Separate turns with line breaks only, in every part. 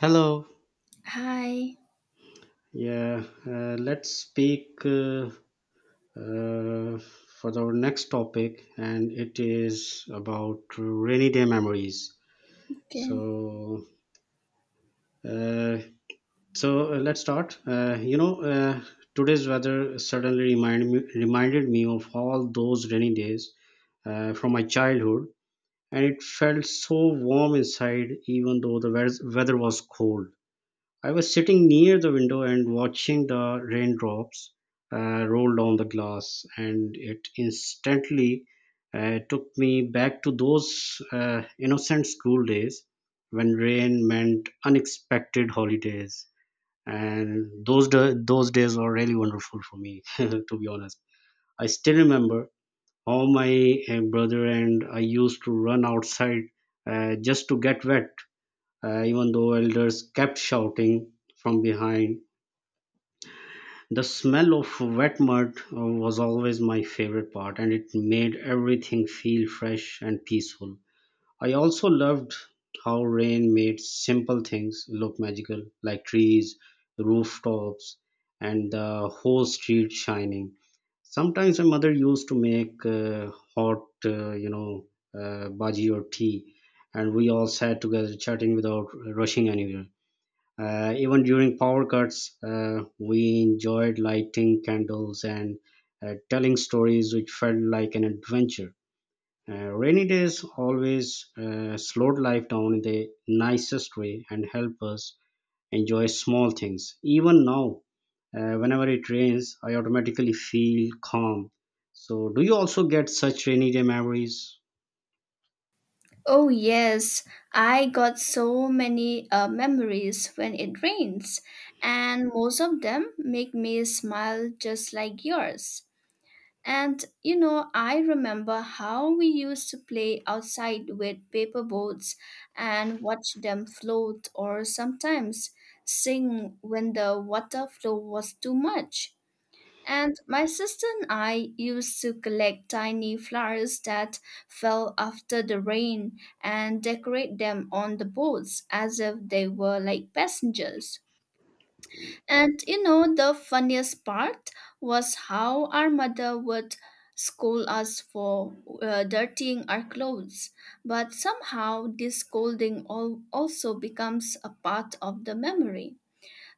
Hello.
Hi.
Yeah, let's speak uh, for our next topic, and it is about rainy day memories.
Okay.
So, uh, so let's start. Today's weather suddenly reminded me, of all those rainy days from my childhood, and it felt so warm inside, even though the weather was cold. I was sitting near the window and watching the raindrops roll down the glass, and it instantly took me back to those innocent school days when rain meant unexpected holidays. And those days were really wonderful for me, to be honest. I still remember how my brother and I used to run outside just to get wet even though elders kept shouting from behind. The smell of wet mud was always my favorite part, and it made everything feel fresh and peaceful. I also loved how rain made simple things look magical, like trees, rooftops, and the whole street shining. Sometimes my mother used to make hot, bhaji or tea, and we all sat together chatting without rushing anywhere. Even during power cuts, we enjoyed lighting candles and telling stories, which felt like an adventure. Rainy days always slowed life down in the nicest way and help us enjoy small things. Even now, whenever it rains, I automatically feel calm. So, do you also get such rainy day memories?
Oh yes, I got so many memories when it rains, and most of them make me smile just like yours. And you know, I remember how we used to play outside with paper boats and watch them float or sometimes sing when the water flow was too much. And my sister and I used to collect tiny flowers that fell after the rain and decorate them on the boats as if they were like passengers. And you know, the funniest part was how our mother would scold us for dirtying our clothes. But somehow, this scolding also becomes a part of the memory.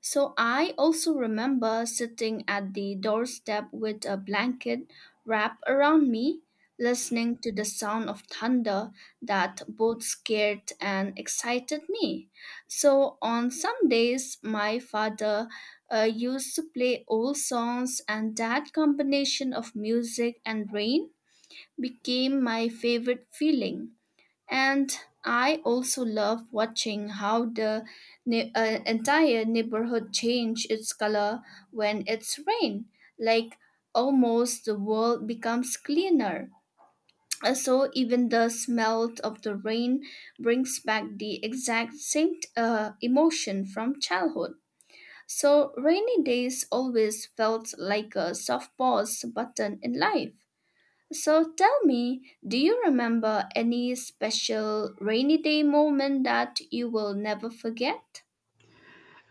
So I also remember sitting at the doorstep with a blanket wrapped around me, listening to the sound of thunder that both scared and excited me. So on some days, my father used to play old songs, and that combination of music and rain became my favorite feeling. And I also love watching how the entire neighborhood change its color when it's rain. Like almost the world becomes cleaner. So even the smell of the rain brings back the exact same emotion from childhood. So rainy days always felt like a soft pause button in life. So tell me, do you remember any special rainy day moment that you will never forget?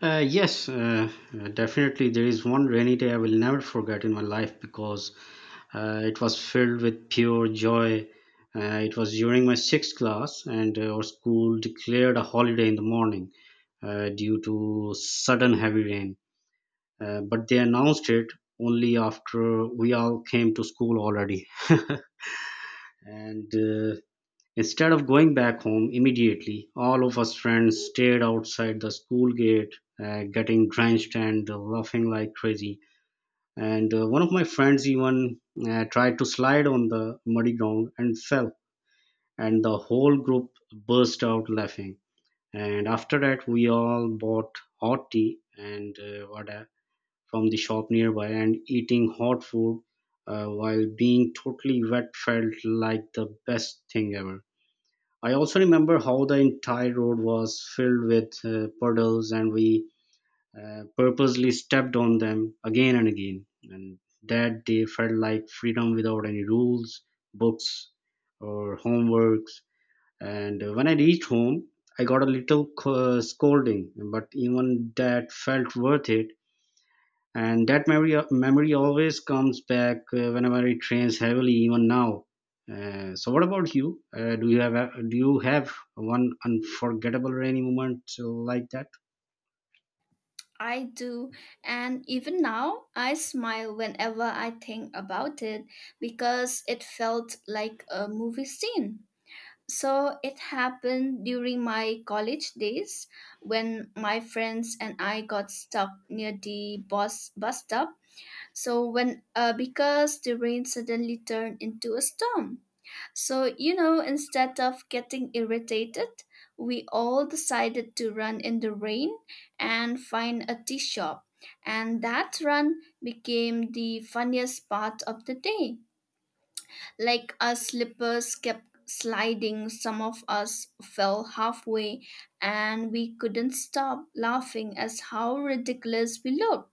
Uh, yes, uh, definitely. There is one rainy day I will never forget in my life because it was filled with pure joy. It was during my sixth class, and our school declared a holiday in the morning due to sudden heavy rain. But they announced it only after we all came to school already. and Instead of going back home immediately, all of us friends stayed outside the school gate, getting drenched and laughing like crazy, and one of my friends even tried to slide on the muddy ground and fell, and the whole group burst out laughing. And after that, we all bought hot tea and vada from the shop nearby, and eating hot food while being totally wet felt like the best thing ever. I also remember how the entire road was filled with puddles and we purposely stepped on them again and again, and that they felt like freedom without any rules, books, or homeworks. And When I reached home, I got a little scolding, but even that felt worth it. And that memory, always comes back whenever it rains heavily, even now. So, what about you? Do you have one unforgettable rainy moment like that?
I do, and even now I smile whenever I think about it because it felt like a movie scene. So it happened during my college days when my friends and I got stuck near the bus stop. So when because the rain suddenly turned into a storm. So, you know, instead of getting irritated, we all decided to run in the rain and find a tea shop. And that run became the funniest part of the day. Like our slippers kept sliding, some of us fell halfway, and we couldn't stop laughing as how ridiculous we looked.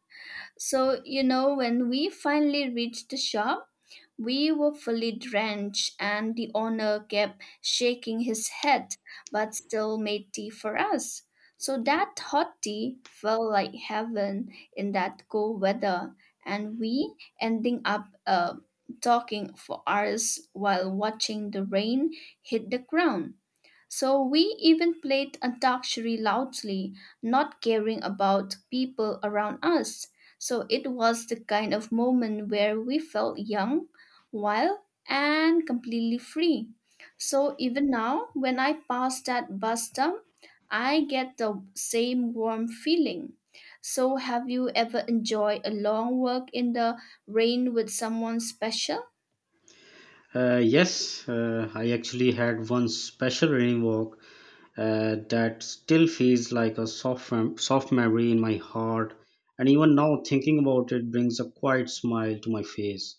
So, you know, when we finally reached the shop, we were fully drenched, and the owner kept shaking his head, but still made tea for us. So that hot tea felt like heaven in that cold weather, and we ending up talking for hours while watching the rain hit the ground. So we even played Antakshari loudly, not caring about people around us. So it was the kind of moment where we felt young, wild, and completely free. So even now, when I pass that bus stop, I get the same warm feeling. So have you ever enjoyed a long walk in the rain with someone special?
Yes, I actually had one special rain walk that still feels like a soft memory in my heart. And even now, thinking about it brings a quiet smile to my face.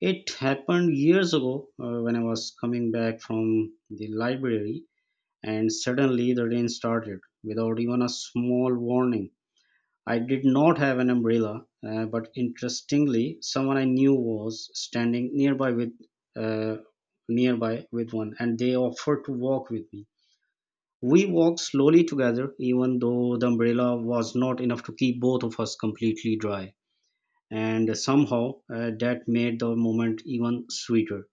It happened years ago when I was coming back from the library, and suddenly the rain started without even a small warning. I did not have an umbrella, but interestingly, someone I knew was standing uh, nearby with one, and they offered to walk with me. We walked slowly together, even though the umbrella was not enough to keep both of us completely dry, and somehow that made the moment even sweeter.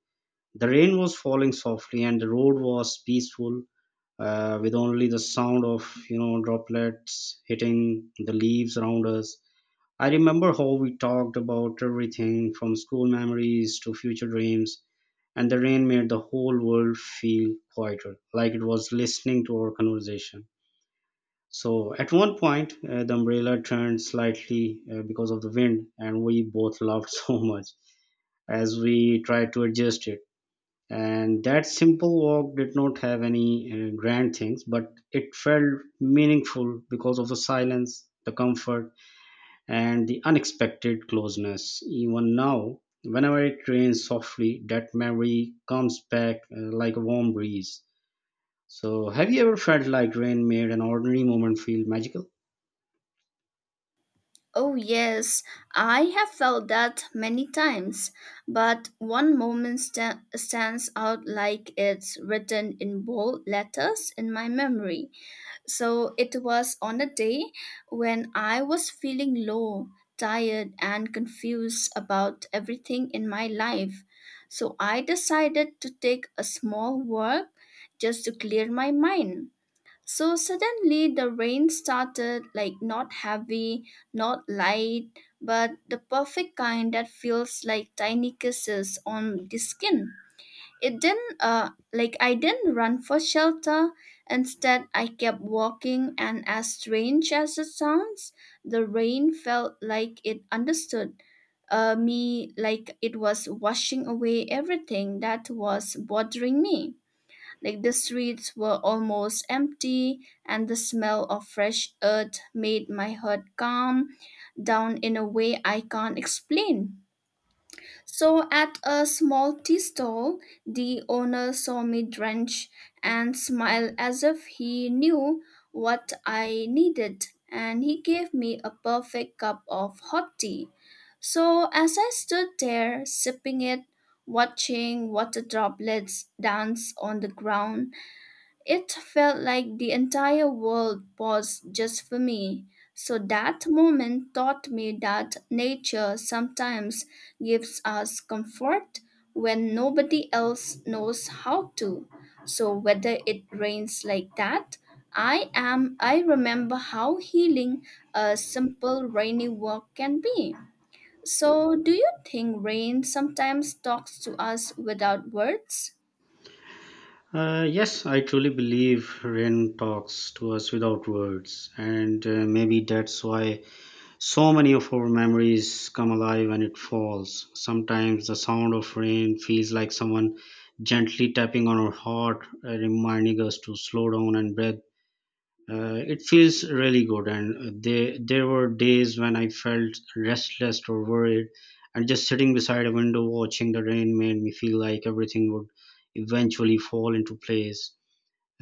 The rain was falling softly, and the road was peaceful, with only the sound of droplets hitting the leaves around us. I remember how we talked about everything from school memories to future dreams, and the rain made the whole world feel quieter, like it was listening to our conversation. So, at one point, the umbrella turned slightly because of the wind, and we both laughed so much as we tried to adjust it. And that simple walk did not have any grand things, but it felt meaningful because of the silence, the comfort, and the unexpected closeness. Even now, whenever it rains softly, that memory comes back like a warm breeze. So, have you ever felt like rain made an ordinary moment feel magical?
Oh, yes, I have felt that many times, but one moment stands out like it's written in bold letters in my memory. So it was on a day when I was feeling low, tired, and confused about everything in my life. So I decided to take a small walk just to clear my mind. So suddenly the rain started like not heavy, not light, but the perfect kind that feels like tiny kisses on the skin. It didn't like I didn't run for shelter. Instead I kept walking and as strange as it sounds, the rain felt like it understood me like it was washing away everything that was bothering me. Like the streets were almost empty, and the smell of fresh earth made my heart calm down in a way I can't explain. So, at a small tea stall, the owner saw me drenched and smiled as if he knew what I needed, and he gave me a perfect cup of hot tea. So, as I stood there sipping it, watching water droplets dance on the ground, it felt like the entire world paused just for me. So that moment taught me that nature sometimes gives us comfort when nobody else knows how to. So whether it rains like that, I remember how healing a simple rainy walk can be. So do you think rain sometimes talks to us without words?
Yes, I truly believe rain talks to us without words, and maybe that's why so many of our memories come alive when it falls. Sometimes the sound of rain feels like someone gently tapping on our heart, reminding us to slow down and breathe. It feels really good, and there were days when I felt restless or worried, and just sitting beside a window watching the rain made me feel like everything would eventually fall into place.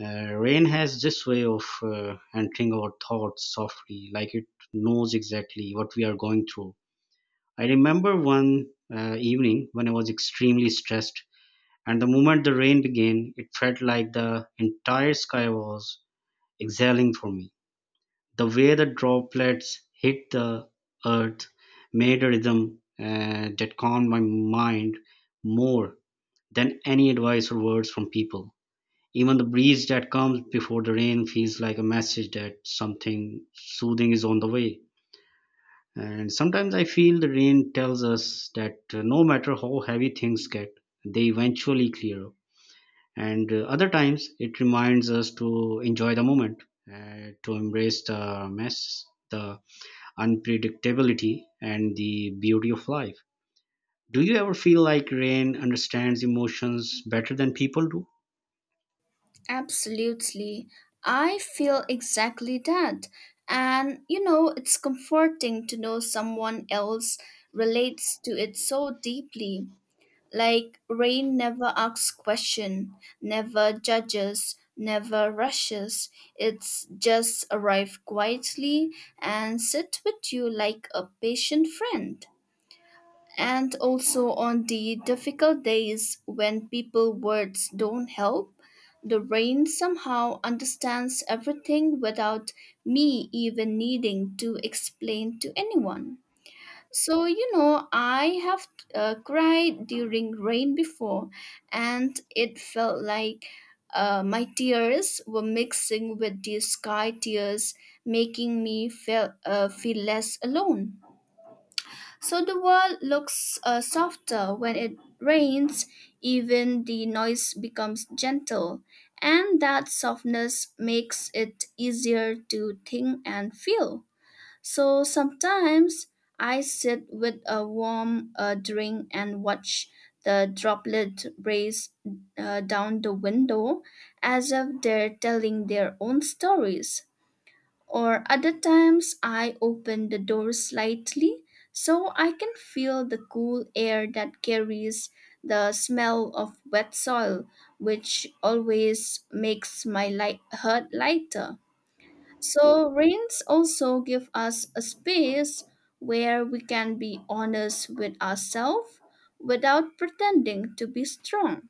Rain has this way of entering our thoughts softly, like it knows exactly what we are going through. I remember one evening when I was extremely stressed, and the moment the rain began, it felt like the entire sky was exhaling for me. The way the droplets hit the earth made a rhythm that calmed my mind more than any advice or words from people. Even the breeze that comes before the rain feels like a message that something soothing is on the way. And sometimes I feel the rain tells us that no matter how heavy things get, they eventually clear up. And Other times it reminds us to enjoy the moment, to embrace the mess, the unpredictability, and the beauty of life. Do you ever feel like rain understands emotions better than people do?
Absolutely. I feel exactly that. And you know, it's comforting to know someone else relates to it so deeply. Like rain never asks question, never judges, never rushes. It's just arrive quietly and sit with you like a patient friend, and also on the difficult days when people words don't help, the rain somehow understands everything without me even needing to explain to anyone. So you know, I have cried during rain before, and it felt like my tears were mixing with the sky tears, making me feel less alone. So the world looks softer when it rains, even the noise becomes gentle, and that softness makes it easier to think and feel. So sometimes I sit with a warm drink and watch the droplet race down the window as if they're telling their own stories, or other times I open the door slightly so I can feel the cool air that carries the smell of wet soil, which always makes my heart lighter. So, rains also give us a space where we can be honest with ourselves without pretending to be strong.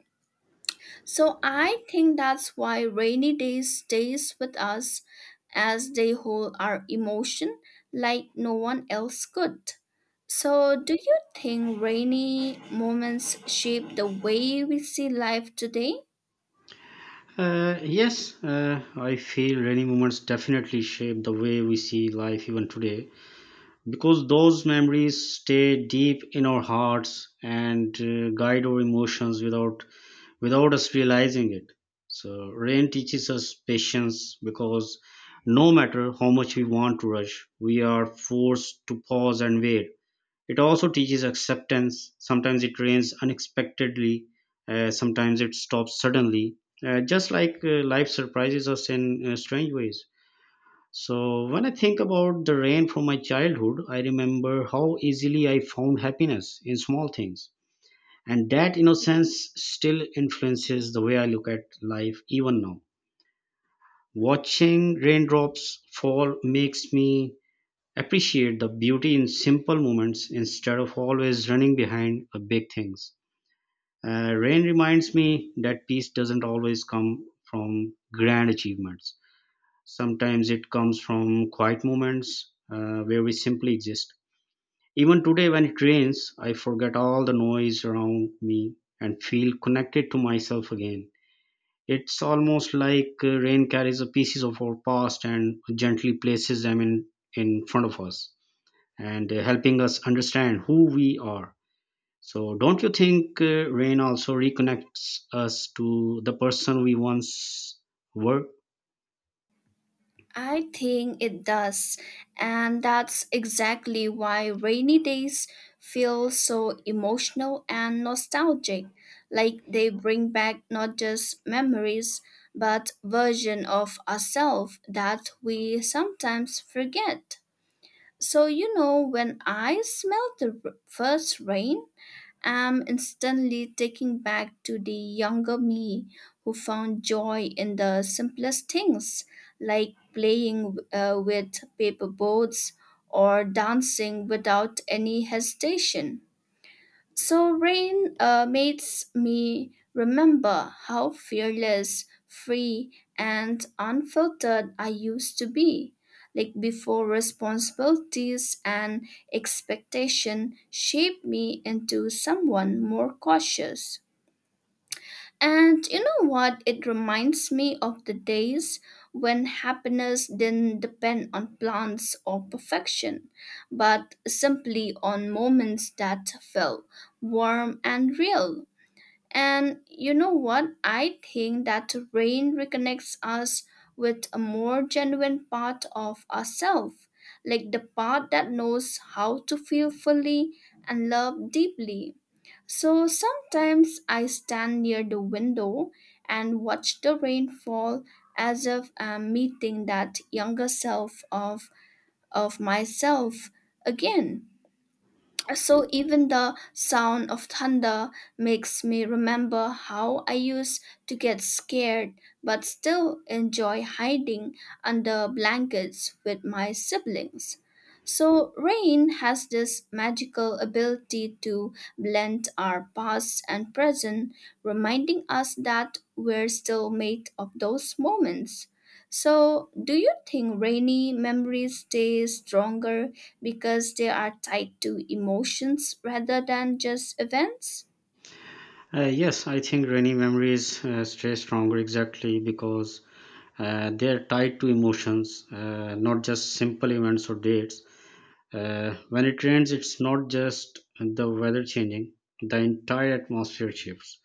So I think that's why rainy days stays with us as they hold our emotion like no one else could. So do you think rainy moments shape the way we see life today?
Yes, I feel rainy moments definitely shape the way we see life even today because those memories stay deep in our hearts and guide our emotions without us realizing it. So rain teaches us patience because no matter how much we want to rush, we are forced to pause and wait. It also teaches acceptance. Sometimes it rains unexpectedly, sometimes it stops suddenly, just like life surprises us in strange ways. So, when I think about the rain from my childhood, I remember how easily I found happiness in small things. And that innocence still influences the way I look at life even now. Watching raindrops fall makes me appreciate the beauty in simple moments instead of always running behind the big things. Rain reminds me that peace doesn't always come from grand achievements. Sometimes it comes from quiet moments where we simply exist. Even today, when it rains, I forget all the noise around me and feel connected to myself again. It's almost like rain carries the pieces of our past and gently places them in front of us, and helping us understand who we are. So, don't you think rain also reconnects us to the person we once were?
I think it does, and that's exactly why rainy days feel so emotional and nostalgic, like they bring back not just memories, but version of ourselves that we sometimes forget. So you know, when I smell the first rain, am instantly taken back to the younger me who found joy in the simplest things, like playing with paper boats or dancing without any hesitation. So rain makes me remember how fearless, free, and unfiltered I used to be. Like before responsibilities and expectation shaped me into someone more cautious. And you know what? It reminds me of the days when happiness didn't depend on plans or perfection, but simply on moments that felt warm and real. And you know what? I think that rain reconnects us with a more genuine part of ourselves, like the part that knows how to feel fully and love deeply. So sometimes I stand near the window and watch the rain fall as if I'm meeting that younger self of myself again. So even the sound of thunder makes me remember how I used to get scared but still enjoy hiding under blankets with my siblings. So rain has this magical ability to blend our past and present, reminding us that we're still made of those moments. So, do you think rainy memories stay stronger because they are tied to emotions rather than just events?
Yes, I think rainy memories stay stronger exactly because they're tied to emotions, not just simple events or dates. When it rains, it's not just the weather changing, the entire atmosphere shifts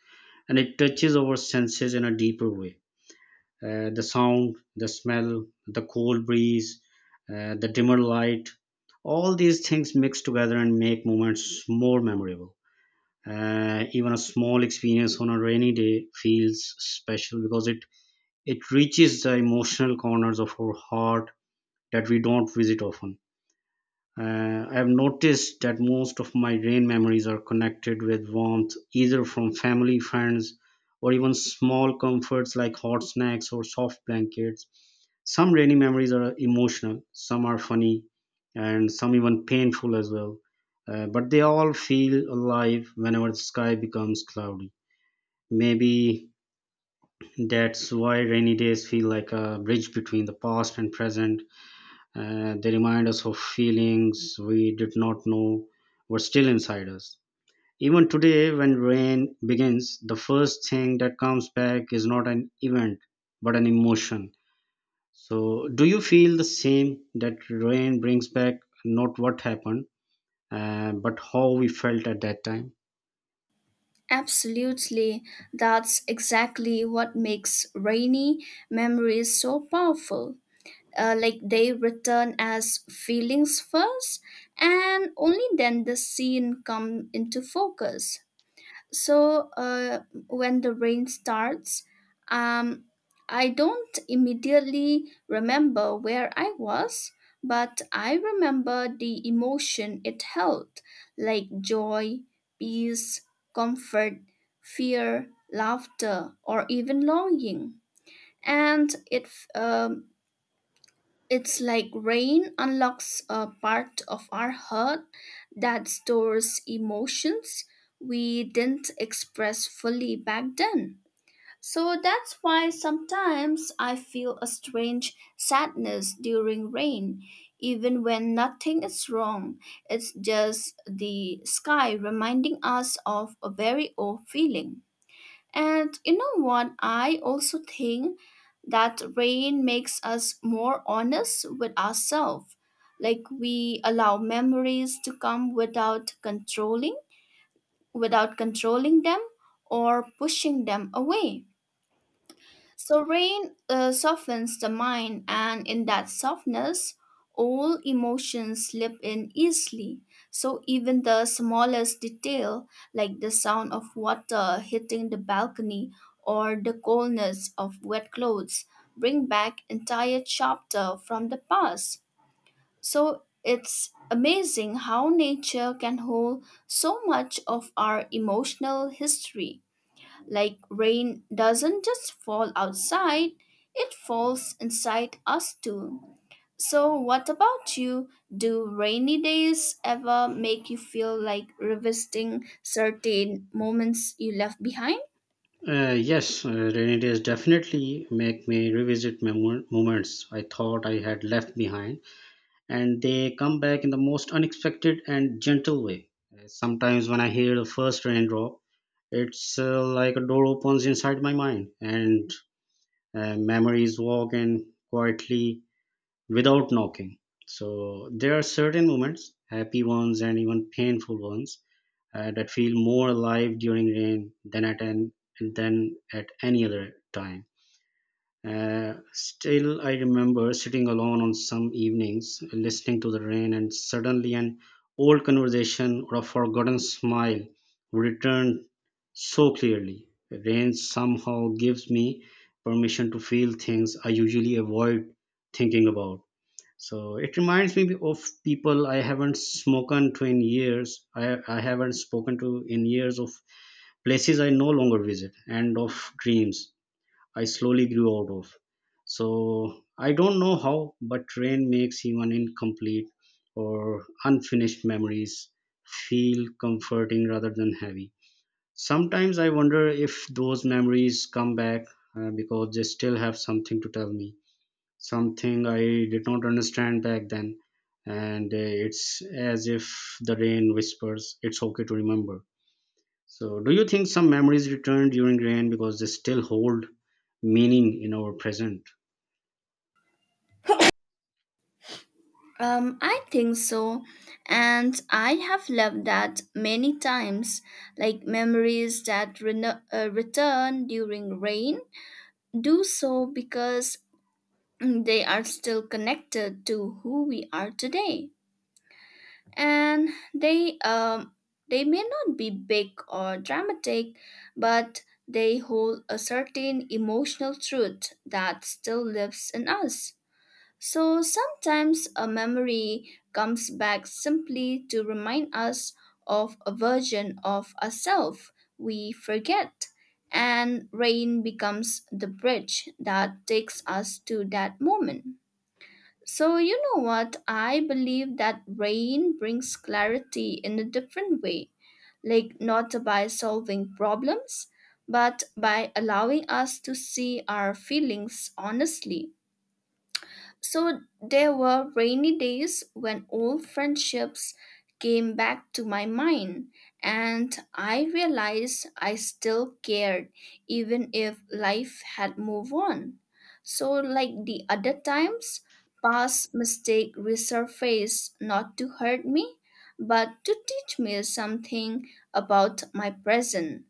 and it touches our senses in a deeper way, the sound, the smell, the cold breeze, the dimmer light. All these things mix together and make moments more memorable. Even a small experience on a rainy day feels special because it reaches the emotional corners of our heart that we don't visit often. I've noticed that most of my rain memories are connected with warmth, either from family, friends, or even small comforts like hot snacks or soft blankets. Some rainy memories are emotional, some are funny, and some even painful as well. But they all feel alive whenever the sky becomes cloudy. Maybe that's why rainy days feel like a bridge between the past and present. They remind us of feelings we did not know were still inside us. Even today, when rain begins, the first thing that comes back is not an event but an emotion. So, do you feel the same that rain brings back not what happened, but how we felt at that time?
Absolutely. That's exactly what makes rainy memories so powerful. Like they return as feelings first, and only then the scene come into focus. So when the rain starts, um, I don't immediately remember where I was, but I remember the emotion it held, like joy, peace, comfort, fear, laughter, or even longing. And it's like rain unlocks a part of our heart that stores emotions we didn't express fully back then. So that's why sometimes I feel a strange sadness during rain, even when nothing is wrong. It's just the sky reminding us of a very old feeling. And you know what? I also think that rain makes us more honest with ourselves. Like we allow memories to come without controlling them or pushing them away. So rain softens the mind, and in that softness, all emotions slip in easily. So even the smallest detail, like the sound of water hitting the balcony or the coldness of wet clothes, bring back entire chapter from the past. So it's amazing how nature can hold so much of our emotional history. Like rain doesn't just fall outside, it falls inside us too. So, what about you? Do rainy days ever make you feel like revisiting certain moments you left behind?
Yes, rainy days definitely make me revisit my moments I thought I had left behind, and they come back in the most unexpected and gentle way. Sometimes when I hear the first raindrop, it's like a door opens inside my mind and memories walk in quietly without knocking. So there are certain moments, happy ones and even painful ones, that feel more alive during rain than at an than at any other time. Still, I remember sitting alone on some evenings, listening to the rain, and suddenly an old conversation or a forgotten smile would return so clearly. Rain somehow gives me permission to feel things I usually avoid thinking about. So it reminds me of people I haven't spoken to in years. I haven't spoken to in years of places I no longer visit and of dreams I slowly grew out of. So I don't know how, but train makes even incomplete or unfinished memories feel comforting rather than heavy. Sometimes I wonder if those memories come back because they still have something to tell me, something I did not understand back then. And it's as if the rain whispers, it's okay to remember. So, do you think some memories return during rain because they still hold meaning in our present?
I think so. And I have loved that many times. Like memories that return during rain do so because they are still connected to who we are today. And they um, they may not be big or dramatic, but they hold a certain emotional truth that still lives in us. So sometimes a memory comes back simply to remind us of a version of ourselves we forget, and rain becomes the bridge that takes us to that moment. So, you know what? I believe that rain brings clarity in a different way, like not by solving problems, but by allowing us to see our feelings honestly. So there were rainy days when old friendships came back to my mind, and I realized I still cared even if life had moved on. So, like the other times, past mistake resurfaced not to hurt me, but to teach me something about my present.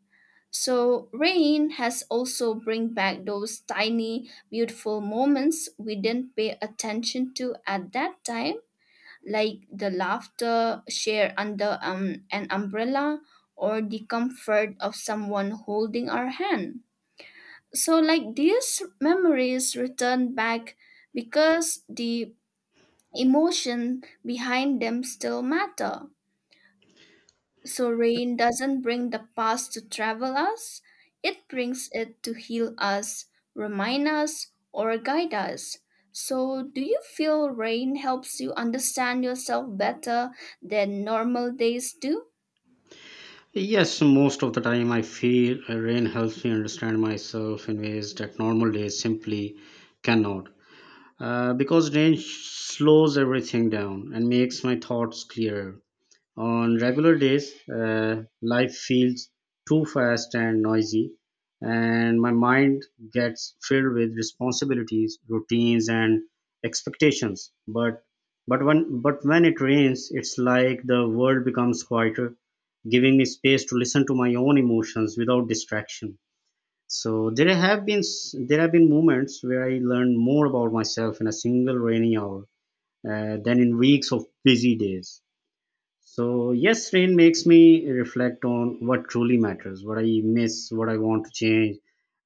So rain has also bring back those tiny beautiful moments we didn't pay attention to at that time, like the laughter shared under an umbrella or the comfort of someone holding our hand. So like these memories return back because the emotion behind them still matter. So rain doesn't bring the past to travel us, it brings it to heal us, remind us, or guide us. So, do you feel rain helps you understand yourself better than normal days do?
Yes, most of the time I feel rain helps me understand myself in ways that normal days simply cannot. Because rain slows everything down and makes my thoughts clearer. On regular days, life feels too fast and noisy, and my mind gets filled with responsibilities, routines, and expectations. But when it rains, it's like the world becomes quieter, giving me space to listen to my own emotions without distraction. So there have been moments where I learned more about myself in a single rainy hour than in weeks of busy days. So, yes, rain makes me reflect on what truly matters, what I miss, what I want to change,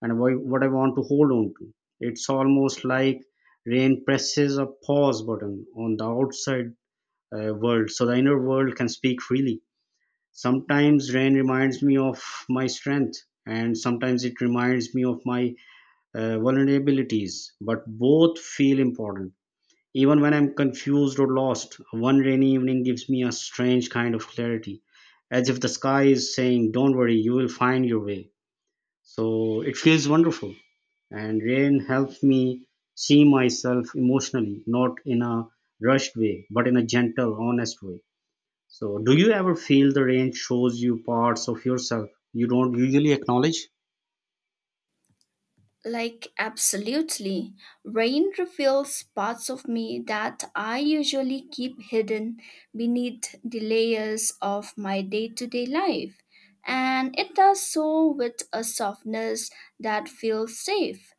and what I want to hold on to. It's almost like rain presses a pause button on the outside world so the inner world can speak freely. Sometimes rain reminds me of my strength, and sometimes it reminds me of my vulnerabilities, but both feel important. Even when I'm confused or lost, one rainy evening gives me a strange kind of clarity, as if the sky is saying, "Don't worry, you will find your way." So it feels wonderful. And rain helps me see myself emotionally, not in a rushed way, but in a gentle, honest way. So, do you ever feel the rain shows you parts of yourself you don't usually acknowledge?
Like, absolutely. Rain reveals parts of me that I usually keep hidden beneath the layers of my day to day life. And it does so with a softness that feels safe.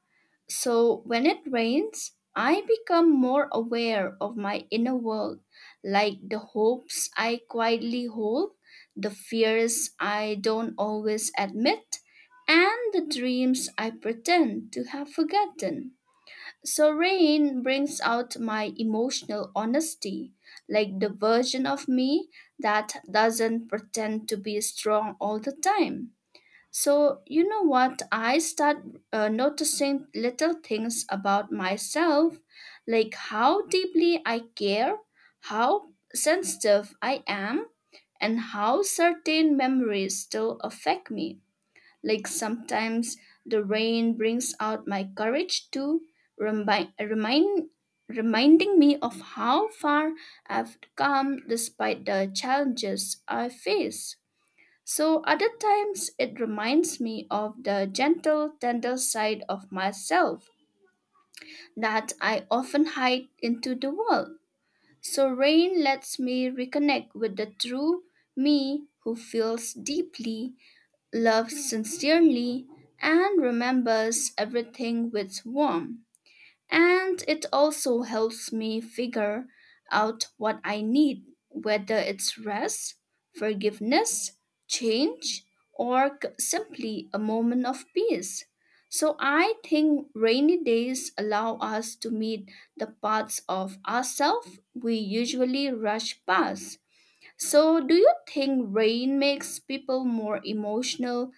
So when it rains, I become more aware of my inner world, like the hopes I quietly hold, the fears I don't always admit, and the dreams I pretend to have forgotten. So rain brings out my emotional honesty, like the version of me that doesn't pretend to be strong all the time. So, you know what? I start noticing little things about myself, like how deeply I care, how sensitive I am, and how certain memories still affect me. Like sometimes the rain brings out my courage to remind, remind reminding me of how far I've come despite the challenges I face. So other times it reminds me of the gentle, tender side of myself that I often hide into the world. So rain lets me reconnect with the true me who feels deeply, loves sincerely, and remembers everything with warmth. And it also helps me figure out what I need, whether it's rest, forgiveness, change, or simply a moment of peace. So I think rainy days allow us to meet the parts of ourselves we usually rush past. So, do you think rain makes people more emotional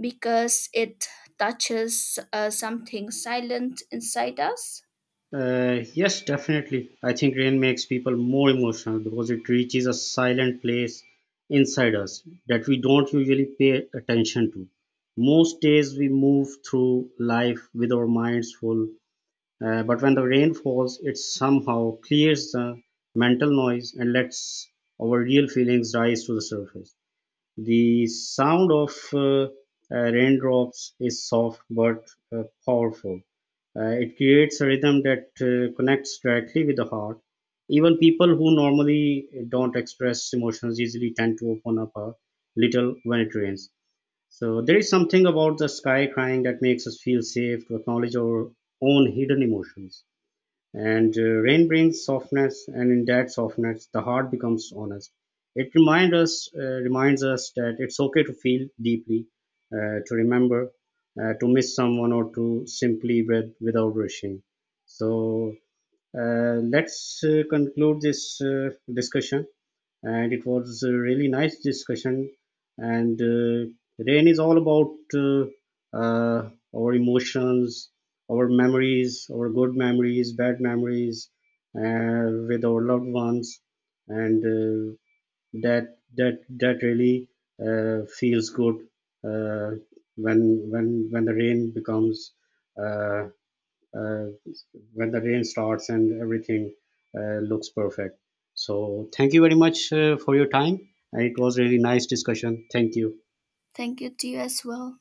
because it touches something silent inside us?
Yes, definitely. I think rain makes people more emotional because it reaches a silent place inside us that we don't usually pay attention to. Most days we move through life with our minds full, but when the rain falls, it somehow clears the mental noise and lets our real feelings rise to the surface. The sound of uh, raindrops is soft but powerful. It creates a rhythm that connects directly with the heart. Even people who normally don't express emotions easily tend to open up a little when it rains. So there is something about the sky crying that makes us feel safe to acknowledge our own hidden emotions. And rain brings softness, and in that softness, the heart becomes honest. It reminds us that it's okay to feel deeply, to remember, to miss someone, or to simply breathe without rushing. So let's conclude this discussion. And it was a really nice discussion. And Rain is all about our emotions, our memories, our good memories, bad memories with our loved ones, and that really feels good uh, when the rain becomes. Uh, uh, when the rain starts and everything looks perfect. So, thank you very much for your time. It was really nice discussion. Thank you.
Thank you to you as well.